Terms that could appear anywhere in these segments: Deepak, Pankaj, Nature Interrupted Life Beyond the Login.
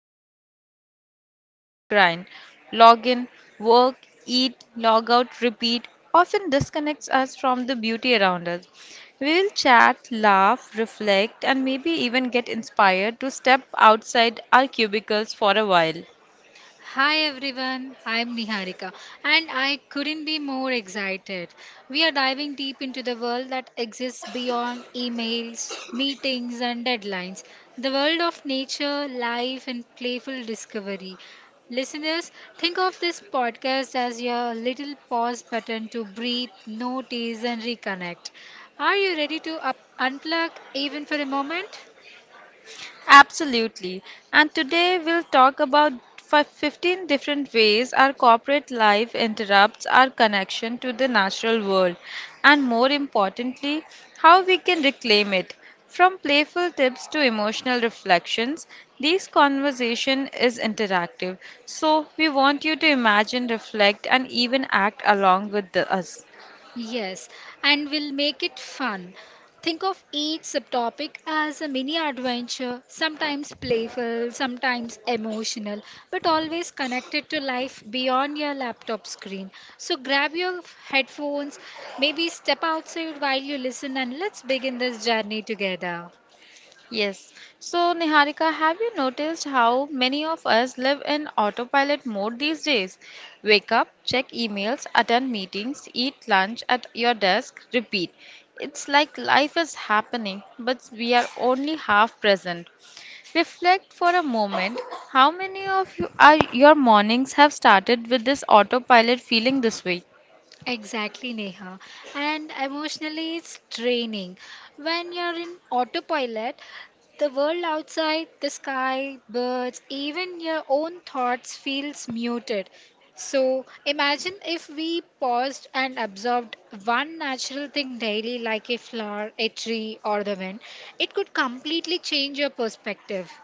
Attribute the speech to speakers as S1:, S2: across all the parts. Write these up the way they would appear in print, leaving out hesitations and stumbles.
S1: explore how the corporate grind, login, work, eat, log out, repeat, often disconnects us from the beauty around us. We will chat, laugh, reflect, and maybe even get inspired to step outside our cubicles for a while.
S2: Hi everyone, I'm Niharika and I couldn't be more excited. We are diving deep into the world that exists beyond emails, meetings, and deadlines, the world of nature, life, and playful discovery. Listeners, think of this podcast as your little pause button to breathe, notice, and reconnect. Are you ready to unplug even for a moment?
S1: Absolutely. And today we'll talk about 15 different ways our corporate life interrupts our connection to the natural world, and more importantly, how we can reclaim it. From playful tips to emotional reflections, this conversation is interactive. So, we want you to imagine, reflect, and even act along with us.
S2: Yes, and we'll make it fun. Think of each subtopic as a mini adventure, sometimes playful, sometimes emotional, but always connected to life beyond your laptop screen. So grab your headphones, maybe step outside while you listen, and let's begin this journey together.
S1: Yes. So, Niharika, have you noticed how many of us live in autopilot mode these days? Wake up, check emails, attend meetings, eat lunch at your desk, repeat. It's like life is happening, but we are only half present. Reflect for a moment, how many of you are your mornings have started with this autopilot feeling this way?
S2: Exactly, Neha. And emotionally, it's draining. When you're in autopilot, the world outside, the sky, birds, even your own thoughts feels muted. So imagine if we paused and absorbed one natural thing daily, like a flower, a tree, or the wind. It could completely change your perspective.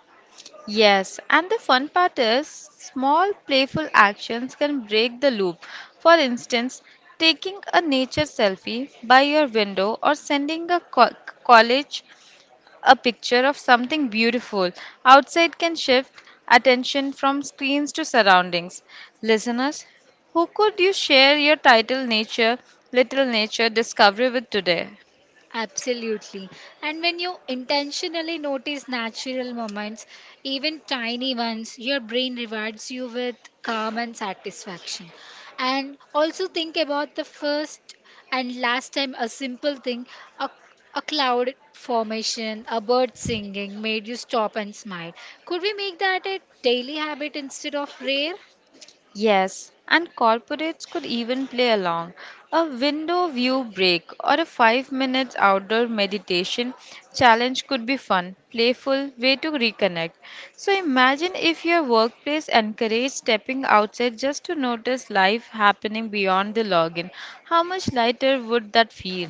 S1: Yes, and the fun part is small playful actions can break the loop. For instance, taking a nature selfie by your window or sending a college a picture of something beautiful outside can shift attention from screens to surroundings. Listeners, who could you share your title nature, little nature discovery with today?
S2: Absolutely. And when you intentionally notice natural moments, even tiny ones, your brain rewards you with calm and satisfaction. And also think about the first and last time a simple thing, a, a cloud formation, a bird singing made you stop and smile. Could we make that a daily habit instead of rare?
S1: Yes, and corporates could even play along. A window view break or a 5 minutes outdoor meditation challenge could be fun, playful way to reconnect. So imagine if your workplace encouraged stepping outside just to notice life happening beyond the login. How much lighter would that feel?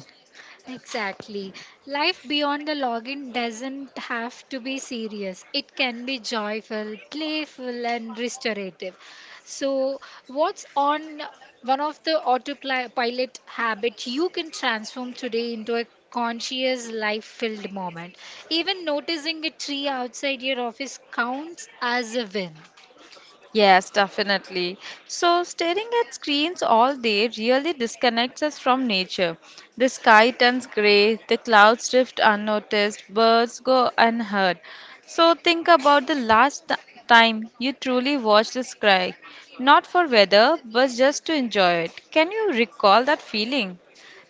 S2: Exactly. Life beyond the login doesn't have to be serious. It can be joyful, playful, and restorative. So, what's on one of the autopilot habits you can transform today into a conscious, life filled moment? Even noticing a tree outside your office counts as a win.
S1: Yes, definitely. So, staring at screens all day really disconnects us from nature. The sky turns gray, the clouds drift unnoticed, birds go unheard. So, think about the last time you truly watched the sky, not for weather, but just to enjoy it. Can you recall that feeling?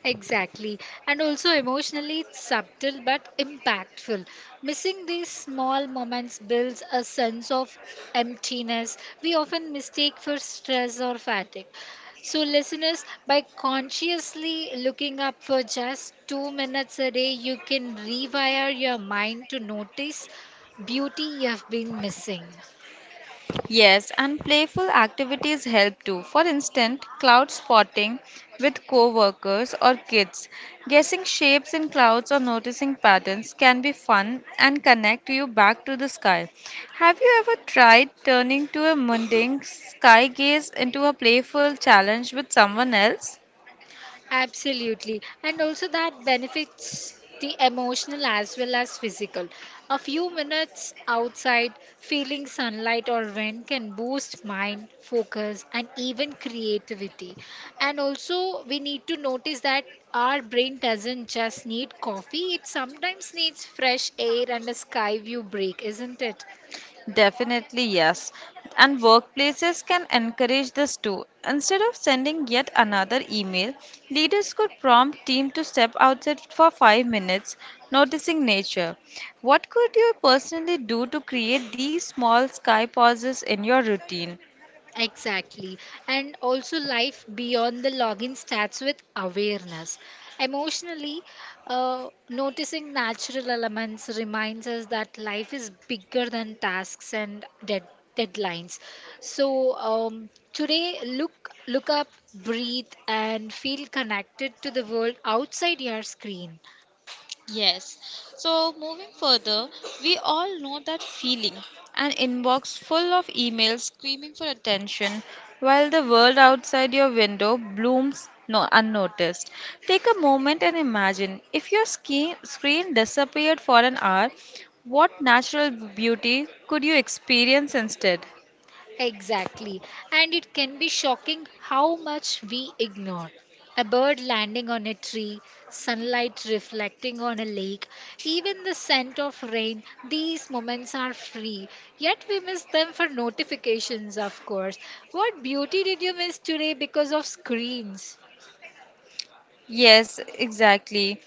S2: Exactly. And also emotionally it's subtle but impactful. Missing these small moments builds a sense of emptiness we often mistake for stress or fatigue. So, listeners, by consciously looking up for just 2 minutes a day, you can rewire your mind to notice beauty you have been missing.
S1: Yes, and playful activities help too. For instance, cloud spotting with co-workers or kids. Guessing shapes in clouds or noticing patterns can be fun and connect you back to the sky. Have you ever tried turning to a mundane sky gaze into a playful challenge with someone else?
S2: Absolutely. And also that benefits the emotional as well as physical. A few minutes outside feeling sunlight or wind can boost mind, focus, and even creativity. And also, we need to notice that our brain doesn't just need coffee, it sometimes needs fresh air and a sky view break, isn't it?
S1: Definitely, yes. And workplaces can encourage this too. Instead of sending yet another email, leaders could prompt team to step outside for 5 minutes, noticing nature. What could you personally do to create these small sky pauses in your routine?
S2: Exactly. And also, life beyond the login starts with awareness. Emotionally, noticing natural elements reminds us that life is bigger than tasks and deadlines. So, today, look up, breathe, and feel connected to the world outside your screen.
S1: Yes. So moving further, we all know that feeling, an inbox full of emails screaming for attention while the world outside your window blooms no unnoticed. Take a moment and imagine if your screen disappeared for an hour, what natural beauty could you experience instead?
S2: Exactly. And it can be shocking how much we ignore. A bird landing on a tree, sunlight reflecting on a lake, even the scent of rain, these moments are free. Yet we miss them for notifications, of course. What beauty did you miss today because of screens?
S1: Yes, exactly.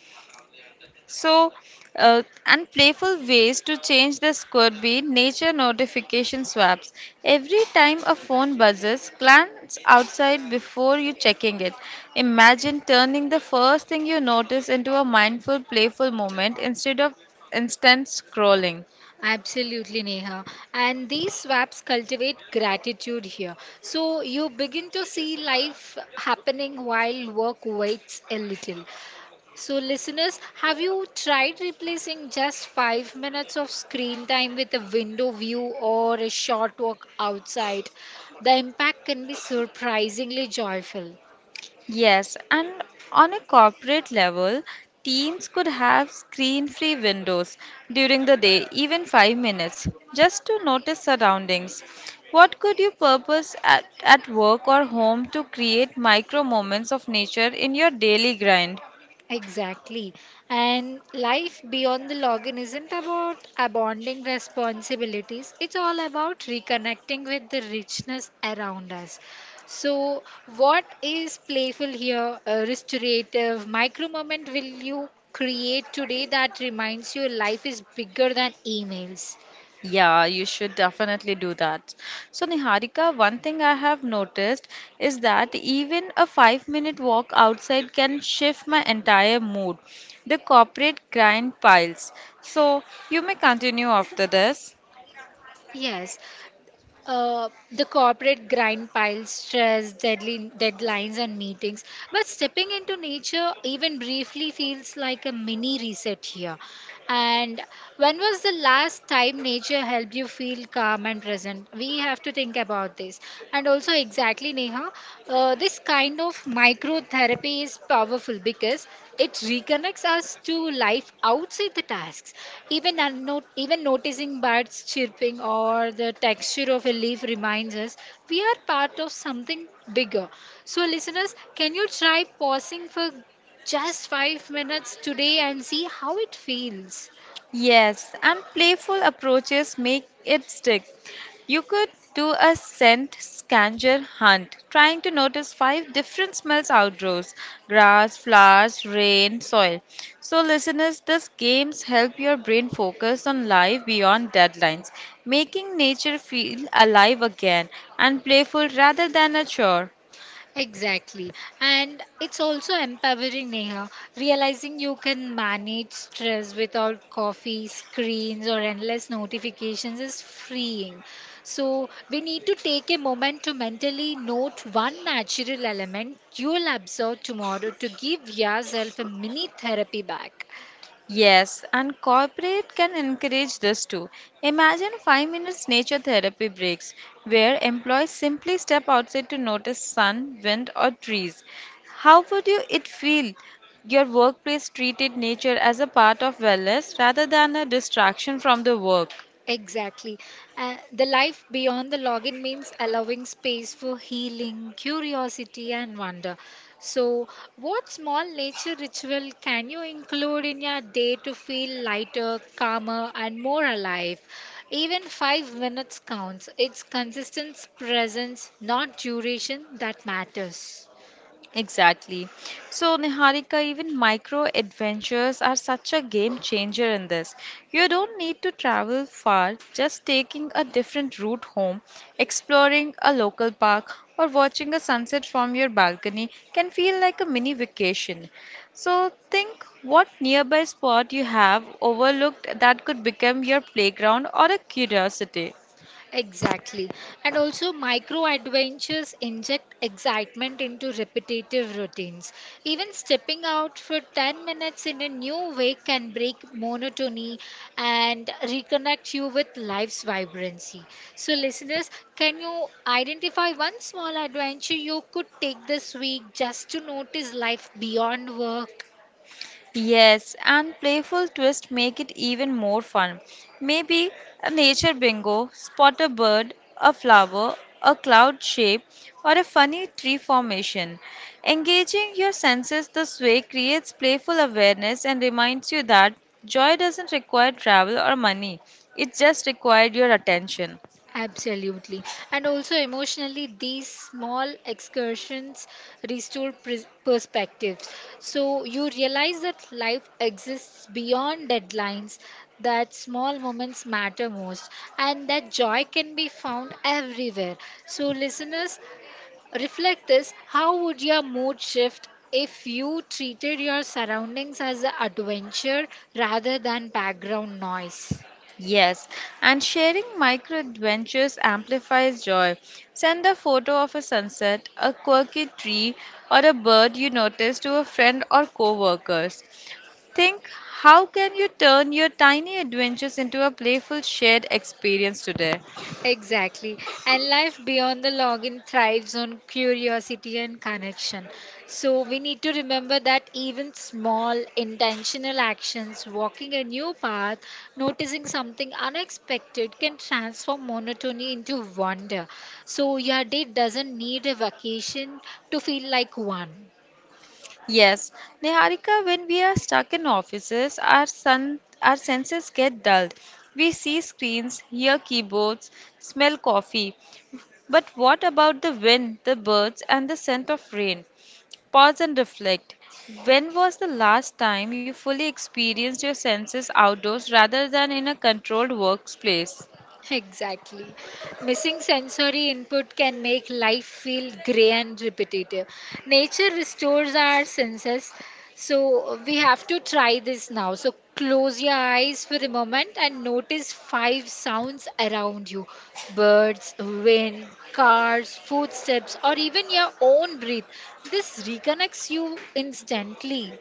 S1: So, and playful ways to change this could be nature notification swaps. Every time a phone buzzes, glance outside before you checking it. Imagine turning the first thing you notice into a mindful, playful moment instead of instant scrolling.
S2: Absolutely, Neha. And these swaps cultivate gratitude here. So you begin to see life happening while work waits a little. So, listeners, have you tried replacing just 5 minutes of screen time with a window view or a short walk outside? The impact can be surprisingly joyful.
S1: Yes, and on a corporate level, teams could have screen-free windows during the day, even 5 minutes, just to notice surroundings. What could you purpose at work or home to create micro moments of nature in your daily grind?
S2: Exactly. And life beyond the login isn't about abandoning responsibilities, it's all about reconnecting with the richness around us. So, what is playful here, a restorative micro moment will you create today that reminds you life is bigger than emails?
S1: Yeah, you should definitely do that. So, Niharika, one thing I have noticed is that even a 5 minute walk outside can shift my entire mood. The corporate grind piles. So, you may continue after this.
S2: Yes, the corporate grind piles, stress, deadly deadlines, and meetings. But stepping into nature, even briefly, feels like a mini reset here. And when was the last time nature helped you feel calm and present? We have to think about this. And also, exactly, Neha, this kind of microtherapy is powerful because it reconnects us to life outside the tasks. Even noticing birds chirping or the texture of a leaf reminds us we are part of something bigger. So, listeners, can you try pausing for just 5 minutes today and see how it feels?
S1: Yes, and playful approaches make it stick. You could do a scent scavenger hunt, trying to notice five different smells outdoors, grass, flowers, rain, soil. So, listeners, these games help your brain focus on life beyond deadlines, making nature feel alive again and playful rather than a chore.
S2: Exactly. And it's also empowering, Neha, realizing you can manage stress without coffee, screens, or endless notifications is freeing. So, we need to take a moment to mentally note one natural element you'll absorb tomorrow to give yourself a mini therapy back.
S1: Yes, and corporate can encourage this too. Imagine 5 minutes nature therapy breaks where employees simply step outside to notice sun, wind or trees. How would you it feel your workplace treated nature as a part of wellness rather than a distraction from the work?
S2: Exactly. The life beyond the login means allowing space for healing, curiosity, and wonder. So, what small nature ritual can you include in your day to feel lighter, calmer, and more alive? Even 5 minutes counts. It's consistent presence, not duration, that matters.
S1: Exactly. So, Niharika, even micro adventures are such a game changer in this. You don't need to travel far, just taking a different route home, exploring a local park, or watching a sunset from your balcony can feel like a mini vacation. So, think what nearby spot you have overlooked that could become your playground or a curiosity.
S2: Exactly. And also, micro adventures inject excitement into repetitive routines. Even stepping out for 10 minutes in a new way can break monotony and reconnect you with life's vibrancy. So, listeners, can you identify one small adventure you could take this week just to notice life beyond work?
S1: Yes, and playful twists make it even more fun. Maybe a nature bingo, spot a bird, a flower, a cloud shape, or a funny tree formation. Engaging your senses this way creates playful awareness and reminds you that joy doesn't require travel or money, it just required your attention.
S2: Absolutely. And also emotionally, these small excursions restore pres perspectives. So you realize that life exists beyond deadlines, that small moments matter most, and that joy can be found everywhere. So, listeners, reflect this. How would your mood shift if you treated your surroundings as an adventure rather than background noise?
S1: Yes, and sharing micro adventures amplifies joy. Send a photo of a sunset, a quirky tree, or a bird you notice to a friend or co-workers. Think, how can you turn your tiny adventures into a playful shared experience today?
S2: Exactly. And life beyond the login thrives on curiosity and connection. So we need to remember that even small intentional actions, walking a new path, noticing something unexpected can transform monotony into wonder. So your day doesn't need a vacation to feel like one.
S1: Yes, Niharika, when we are stuck in offices, our senses get dulled. We see screens, hear keyboards, smell coffee, but what about the wind, the birds, and the scent of rain? Pause and reflect. When was the last time you fully experienced your senses outdoors rather than in a controlled workplace?
S2: Exactly. Missing sensory input can make life feel grey and repetitive. Nature restores our senses, so we have to try this now. So close your eyes for a moment and notice five sounds around you: birds, wind, cars, footsteps, or even your own breath. This reconnects you instantly.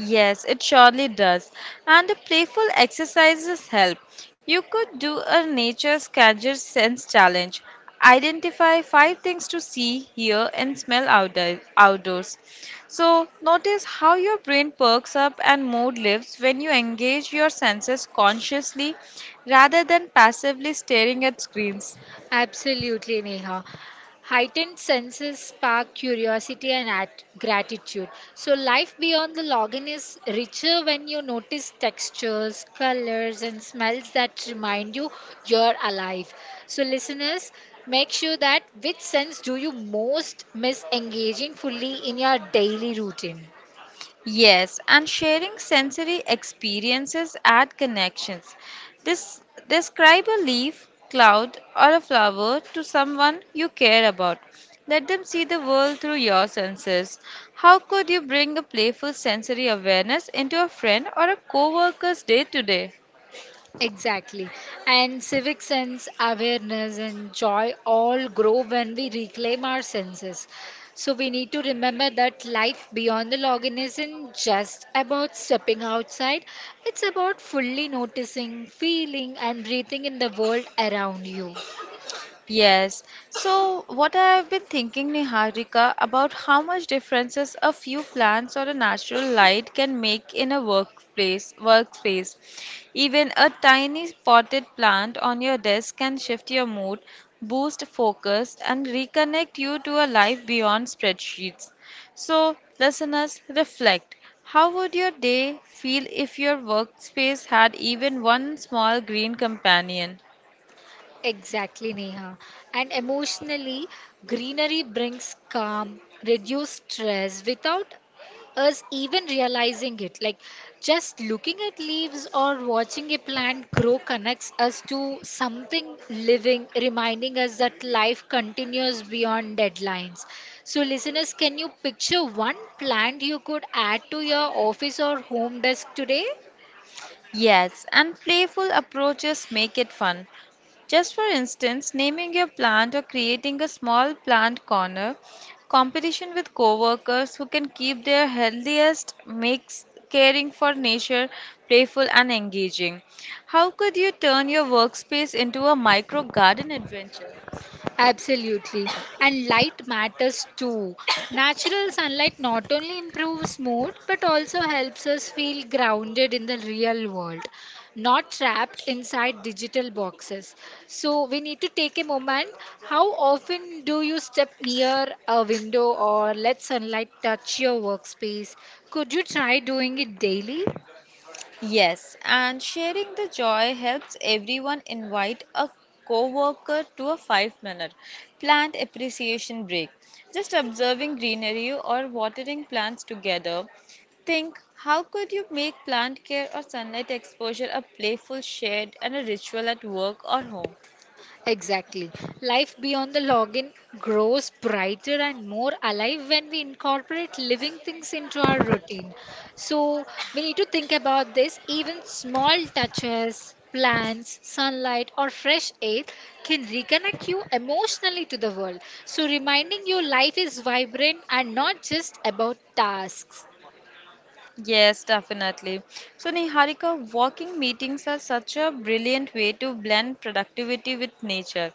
S1: Yes, it surely does. And the playful exercises help. You could do a nature scavenger sense challenge. Identify five things to see, hear, and smell outdoors. So, notice how your brain perks up and mood lifts when you engage your senses consciously rather than passively staring at screens.
S2: Absolutely, Neha. Heightened senses spark curiosity and gratitude. So, life beyond the login is richer when you notice textures, colors, and smells that remind you you're alive. So, listeners, make sure that which sense do you most miss engaging fully in your daily routine?
S1: Yes, and sharing sensory experiences add connections. This, describe a leaf, cloud, or a flower to someone you care about. Let them see the world through your senses. How could you bring a playful sensory awareness into a friend or a co-worker's day to day?
S2: Exactly. And civic sense, awareness, and joy all grow when we reclaim our senses. So we need to remember that life beyond the login isn't just about stepping outside, it's about fully noticing, feeling, and breathing in the world around you.
S1: Yes. So, what I've been thinking, Niharika, about how much differences a few plants or a natural light can make in a workspace. Even a tiny potted plant on your desk can shift your mood, boost focus, and reconnect you to a life beyond spreadsheets. So, listeners, reflect. How would your day feel if your workspace had even one small green companion?
S2: Exactly, Neha. And emotionally, greenery brings calm, reduce stress without us even realizing it. Like just looking at leaves or watching a plant grow connects us to something living, reminding us that life continues beyond deadlines. So, listeners, can you picture one plant you could add to your office or home desk today?
S1: Yes, and playful approaches make it fun. Just for instance, naming your plant or creating a small plant corner competition with coworkers who can keep their healthiest makes caring for nature playful and engaging. How could you turn your workspace into a micro garden adventure?
S2: Absolutely. And light matters too. Natural sunlight not only improves mood but also helps us feel grounded in the real world, not trapped inside digital boxes. So we need to take a moment. How often do you step near a window or let sunlight touch your workspace? Could you try doing it daily?
S1: Yes, and sharing the joy helps everyone invite a coworker to a 5-minute plant appreciation break. Just observing greenery or watering plants together. Think how could you make plant care or sunlight exposure a playful shared and a ritual at work or home?
S2: Exactly. Life beyond the login grows brighter and more alive when we incorporate living things into our routine. So we need to think about this. Even small touches, plants, sunlight, or fresh air can reconnect you emotionally to the world. So reminding you life is vibrant and not just about tasks.
S1: Yes, definitely. So, Niharika, walking meetings are such a brilliant way to blend productivity with nature.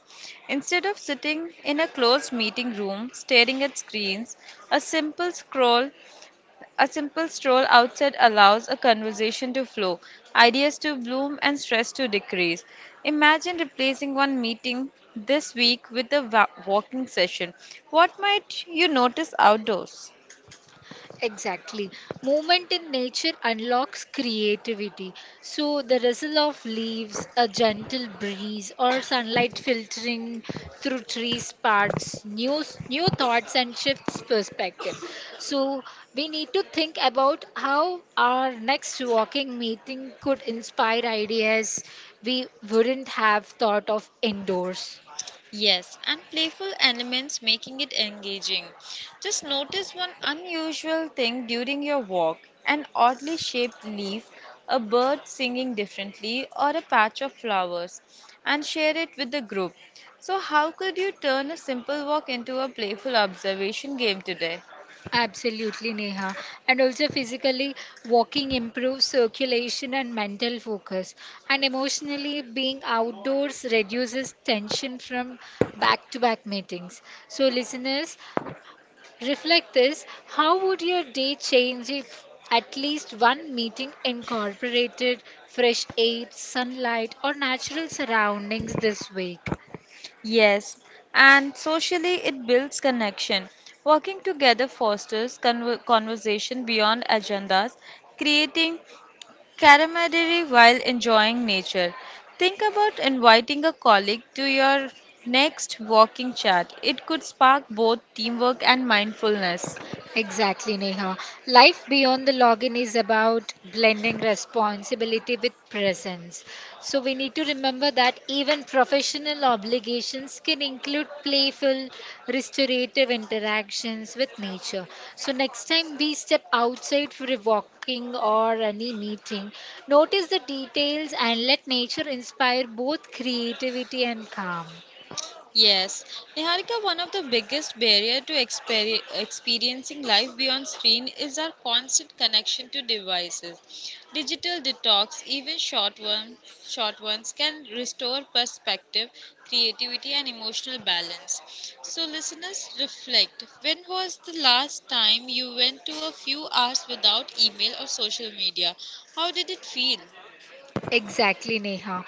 S1: Instead of sitting in a closed meeting room staring at screens, a simple scroll, a simple stroll outside allows a conversation to flow, ideas to bloom, and stress to decrease. Imagine replacing one meeting this week with a walking session. What might you notice outdoors?
S2: Exactly. Movement in nature unlocks creativity. So, the rustle of leaves, a gentle breeze, or sunlight filtering through trees sparks new thoughts and shifts perspective. So, we need to think about how our next walking meeting could inspire ideas we wouldn't have thought of indoors.
S1: Yes, and playful elements making it engaging. Just notice one unusual thing during your walk, an oddly shaped leaf, a bird singing differently, or a patch of flowers, and share it with the group. So, how could you turn a simple walk into a playful observation game today?
S2: Absolutely, Neha. And also, physically, walking improves circulation and mental focus. And emotionally, being outdoors reduces tension from back to back meetings. So, listeners, reflect this. How would your day change if at least one meeting incorporated fresh air, sunlight, or natural surroundings this week?
S1: Yes, and socially it builds connection. Working together fosters conversation beyond agendas, creating camaraderie while enjoying nature. Think about inviting a colleague to your next walking chat. It could spark both teamwork and mindfulness.
S2: Exactly, Neha. Life beyond the login is about blending responsibility with presence. So we need to remember that even professional obligations can include playful, restorative interactions with nature. So next time we step outside for a walking or any meeting, notice the details and let nature inspire both creativity and calm.
S1: Yes, Niharika, one of the biggest barrier to experiencing life beyond screen is our constant connection to devices. Digital detox, even short ones, can restore perspective, creativity, and emotional balance. So, listeners, reflect. When was the last time you went to a few hours without email or social media? How did it feel?
S2: Exactly, Neha.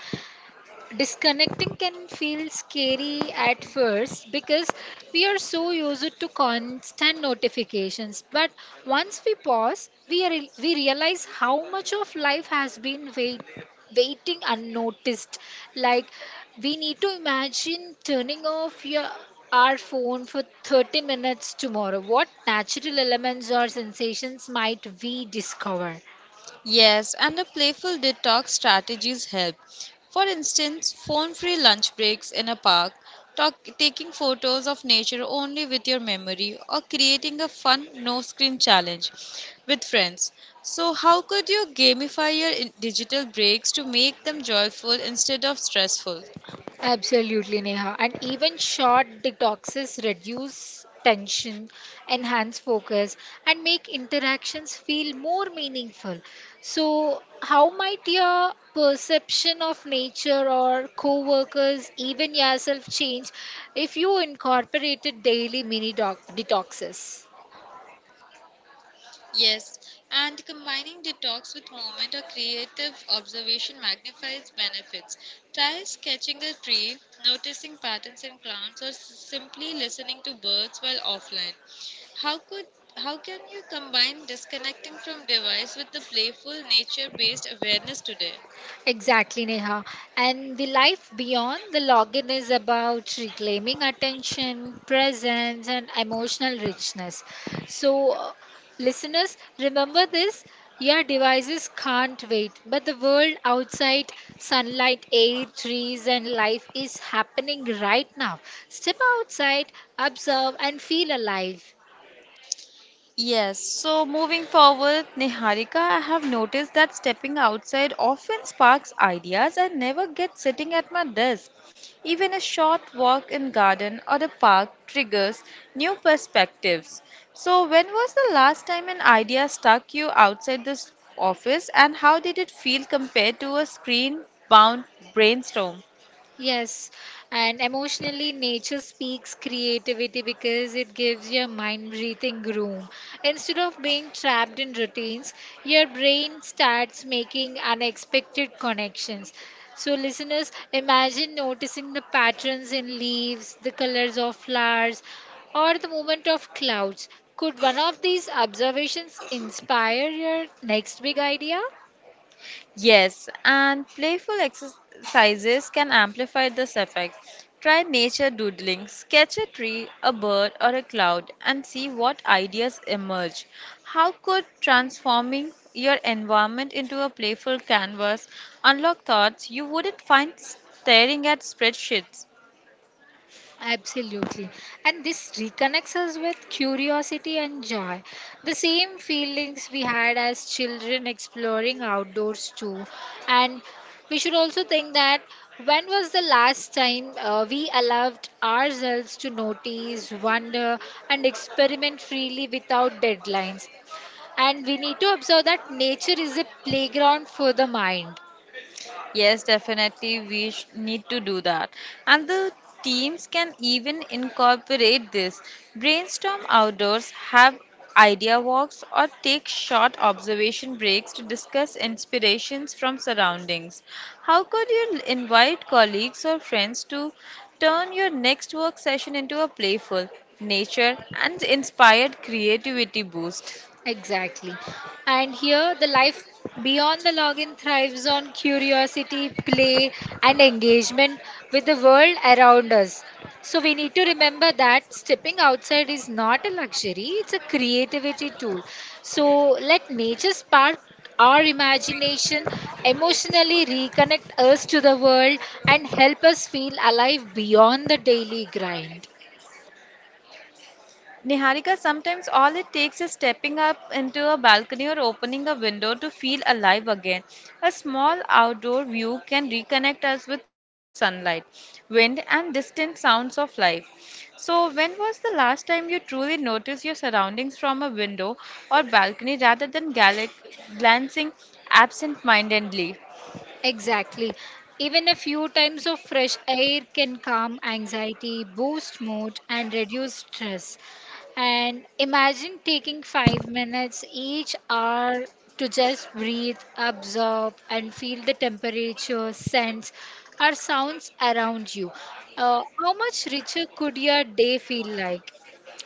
S2: Disconnecting can feel scary at first because we are so used to constant notifications, but once we pause we realize how much of life has been waiting unnoticed. Like, we need to imagine turning off your our phone for 30 minutes tomorrow. What natural elements or sensations might we discover?
S1: Yes, and the playful detox strategies help. For instance, phone free lunch breaks in a park, taking photos of nature only with your memory, or creating a fun no screen challenge with friends. So, how could you gamify your digital breaks to make them joyful instead of stressful?
S2: Absolutely, Neha. And even short detoxes reduce tension, enhance focus, and make interactions feel more meaningful. So, how might your perception of nature or co workers, even yourself, change if you incorporated daily mini detoxes?
S1: Yes, and combining detox with movement or creative observation magnifies benefits. Try sketching a tree, noticing patterns in plants, or simply listening to birds while offline. How could how can you combine disconnecting from device with the playful nature-based awareness today?
S2: Exactly, Neha. And the life beyond the login is about reclaiming attention, presence, and emotional richness. So, listeners, remember this: your devices can't wait, but the world outside, sunlight, air, trees, and life, is happening right now. Step outside, observe, and feel alive.
S1: Yes, so moving forward, Niharika, I have noticed that stepping outside often sparks ideas I never get sitting at my desk. Even a short walk in garden or a park triggers new perspectives. So when was the last time an idea struck you outside this office and how did it feel compared to a screen bound brainstorm?
S2: Yes, and emotionally, nature speaks creativity because it gives your mind breathing room. Instead of being trapped in routines, your brain starts making unexpected connections. So, listeners, imagine noticing the patterns in leaves, the colors of flowers, or the movement of clouds. Could one of these observations inspire your next big idea?
S1: Yes, and playful exercises can amplify this effect. Try nature doodling, sketch a tree, a bird, or a cloud, and see what ideas emerge. How could transforming your environment into a playful canvas unlock thoughts you wouldn't find staring at spreadsheets?
S2: Absolutely. And this reconnects us with curiosity and joy. The same feelings we had as children exploring outdoors, too. And we should also think that when was the last time we allowed ourselves to notice, wonder, and experiment freely without deadlines? And we need to observe that nature is a playground for the mind.
S1: Yes, definitely, we need to do that. And the teams can even incorporate this. Brainstorm outdoors, have idea walks, or take short observation breaks to discuss inspirations from surroundings. How could you invite colleagues or friends to turn your next work session into a playful, nature and inspired creativity boost?
S2: Exactly. And here, the life beyond the login thrives on curiosity, play, and engagement with the world around us. So, we need to remember that stepping outside is not a luxury, it's a creativity tool. So, let nature spark our imagination, emotionally reconnect us to the world, and help us feel alive beyond the daily grind.
S1: Niharika, sometimes all it takes is stepping up into a balcony or opening a window to feel alive again. A small outdoor view can reconnect us with sunlight, wind, and distant sounds of life. So, when was the last time you truly noticed your surroundings from a window or balcony rather than gallic glancing absent mindedly?
S2: Exactly. Even a few times of fresh air can calm anxiety, boost mood, and reduce stress. And imagine taking 5 minutes each hour to just breathe, absorb, and feel the temperature, scents, or sounds around you. How much richer could your day feel like?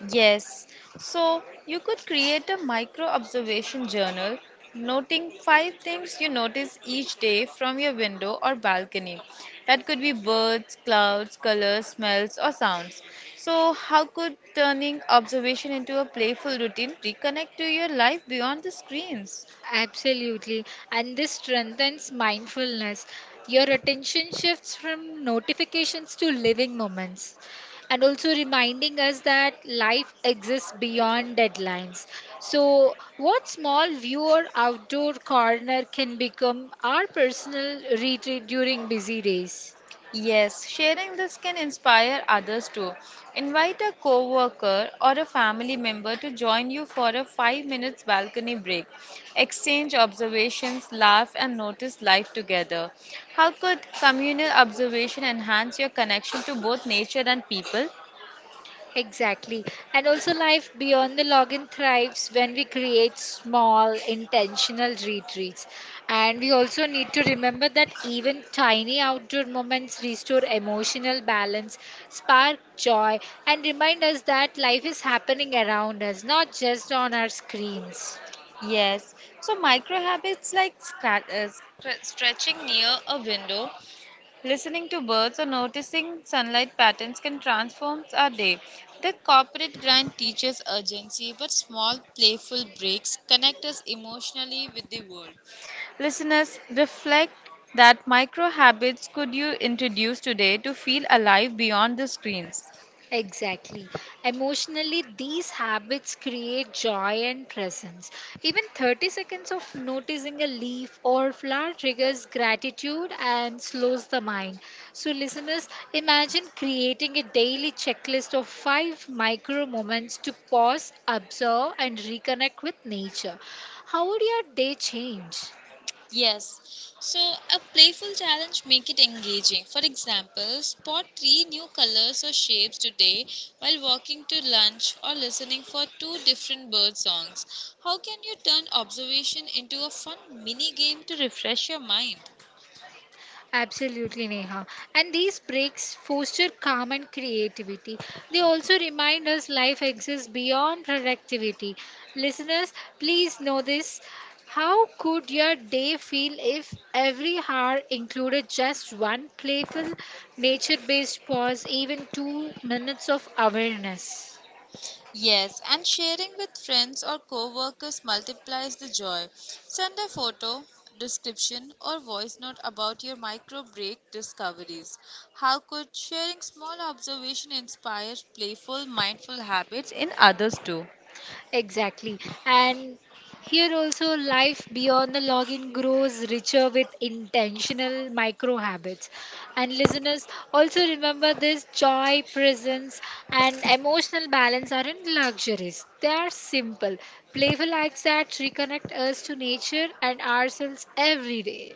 S1: Yes, so you could create a micro observation journal, noting five things you notice each day from your window or balcony. That could be birds, clouds, colors, smells, or sounds. So, how could turning observation into a playful routine reconnect to your life beyond the screens?
S2: Absolutely. And this strengthens mindfulness. Your attention shifts from notifications to living moments. And also reminding us that life exists beyond deadlines. So, what small view or outdoor corner can become our personal retreat during busy days?
S1: Yes, sharing this can inspire others too. Invite a coworker or a family member to join you for a 5 minutes balcony break. Exchange observations, laugh and notice life together. How could communal observation enhance your connection to both nature and people?
S2: Exactly. And also, life beyond the login thrives when we create small, intentional retreats. And we also need to remember that even tiny outdoor moments restore emotional balance, spark joy, and remind us that life is happening around us, not just on our screens.
S1: Yes. So micro habits like stretching near a window, listening to birds or noticing sunlight patterns can transform our day. The corporate grind teaches urgency, but small, playful breaks connect us emotionally with the world. Listeners, reflect that micro habits could you introduce today to feel alive beyond the screens.
S2: Exactly. Emotionally, these habits create joy and presence. Even 30 seconds of noticing a leaf or flower triggers gratitude and slows the mind. So, listeners, imagine creating a daily checklist of five micro moments to pause, observe, and reconnect with nature. How would your day change?
S1: Yes. So a playful challenge make it engaging. For example, spot three new colors or shapes today while walking to lunch or listening for two different bird songs. How can you turn observation into a fun mini game to refresh your mind?
S2: Absolutely, Neha. And these breaks foster calm and creativity. They also remind us life exists beyond productivity. Listeners, please know this. How could your day feel if every hour included just one playful, nature based pause, even 2 minutes of awareness?
S1: Yes, and sharing with friends or co-workers multiplies the joy. Send a photo, description or voice note about your micro break discoveries. How could sharing small observation inspire playful mindful habits in others too?
S2: Exactly. And here also, life beyond the login grows richer with intentional micro habits. And listeners, also remember this: joy, presence, and emotional balance aren't luxuries. They are simple, playful acts that reconnect us to nature and ourselves every day.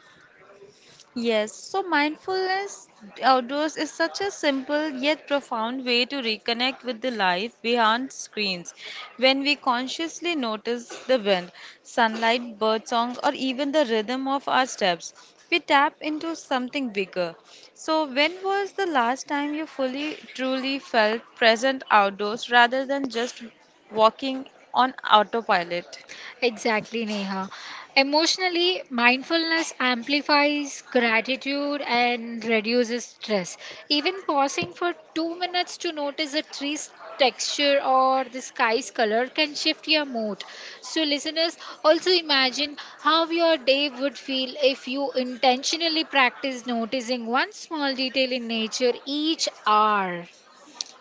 S1: Yes, so mindfulness outdoors is such a simple yet profound way to reconnect with the life behind screens. When we consciously notice the wind, sunlight, birdsong, or even the rhythm of our steps, we tap into something bigger. So, when was the last time you fully, truly felt present outdoors rather than just walking on autopilot?
S2: Exactly, Neha. Emotionally, mindfulness amplifies gratitude and reduces stress. Even pausing for 2 minutes to notice a tree's texture or the sky's color can shift your mood. So, listeners, also imagine how your day would feel if you intentionally practice noticing one small detail in nature each hour.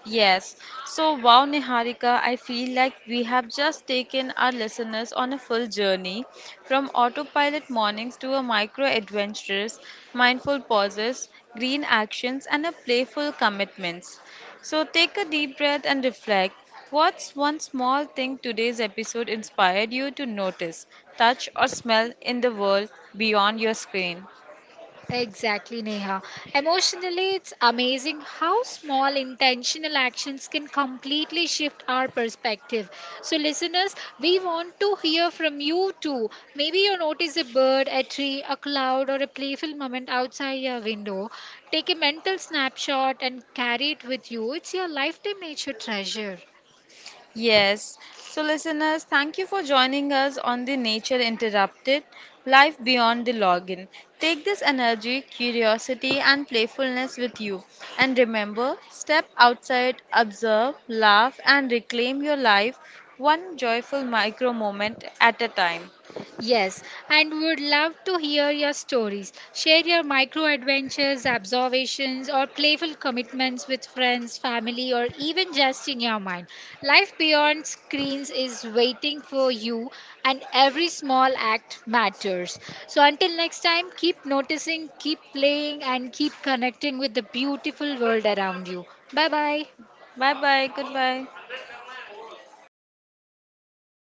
S1: Yes. So, wow, Niharika, I feel like we have just taken our listeners on a full journey from autopilot mornings to a micro adventures, mindful pauses, green actions, and a playful commitments. So, take a deep breath and reflect. What's one small thing today's episode inspired you to notice, touch, or smell in the world beyond your screen?
S2: Exactly, Neha. Emotionally, it's amazing how small intentional actions can completely shift our perspective. So, listeners, we want to hear from you too. Maybe you notice a bird, a tree, a cloud, or a playful moment outside your window. Take a mental snapshot and carry it with you. It's your lifetime nature treasure.
S1: Yes. So, listeners, thank you for joining us on the Nature Interrupted Life Beyond the Login. Take this energy, curiosity, and playfulness with you. And remember, step outside, observe, laugh, and reclaim your life one joyful micro moment at a time.
S2: Yes, and we would love to hear your stories. Share your micro adventures, observations, or playful commitments with friends, family, or even just in your mind. Life beyond screens is waiting for you, and every small act matters. So, until next time, keep noticing, keep playing, and keep connecting with the beautiful world around you. Bye bye.
S1: Bye bye. Goodbye.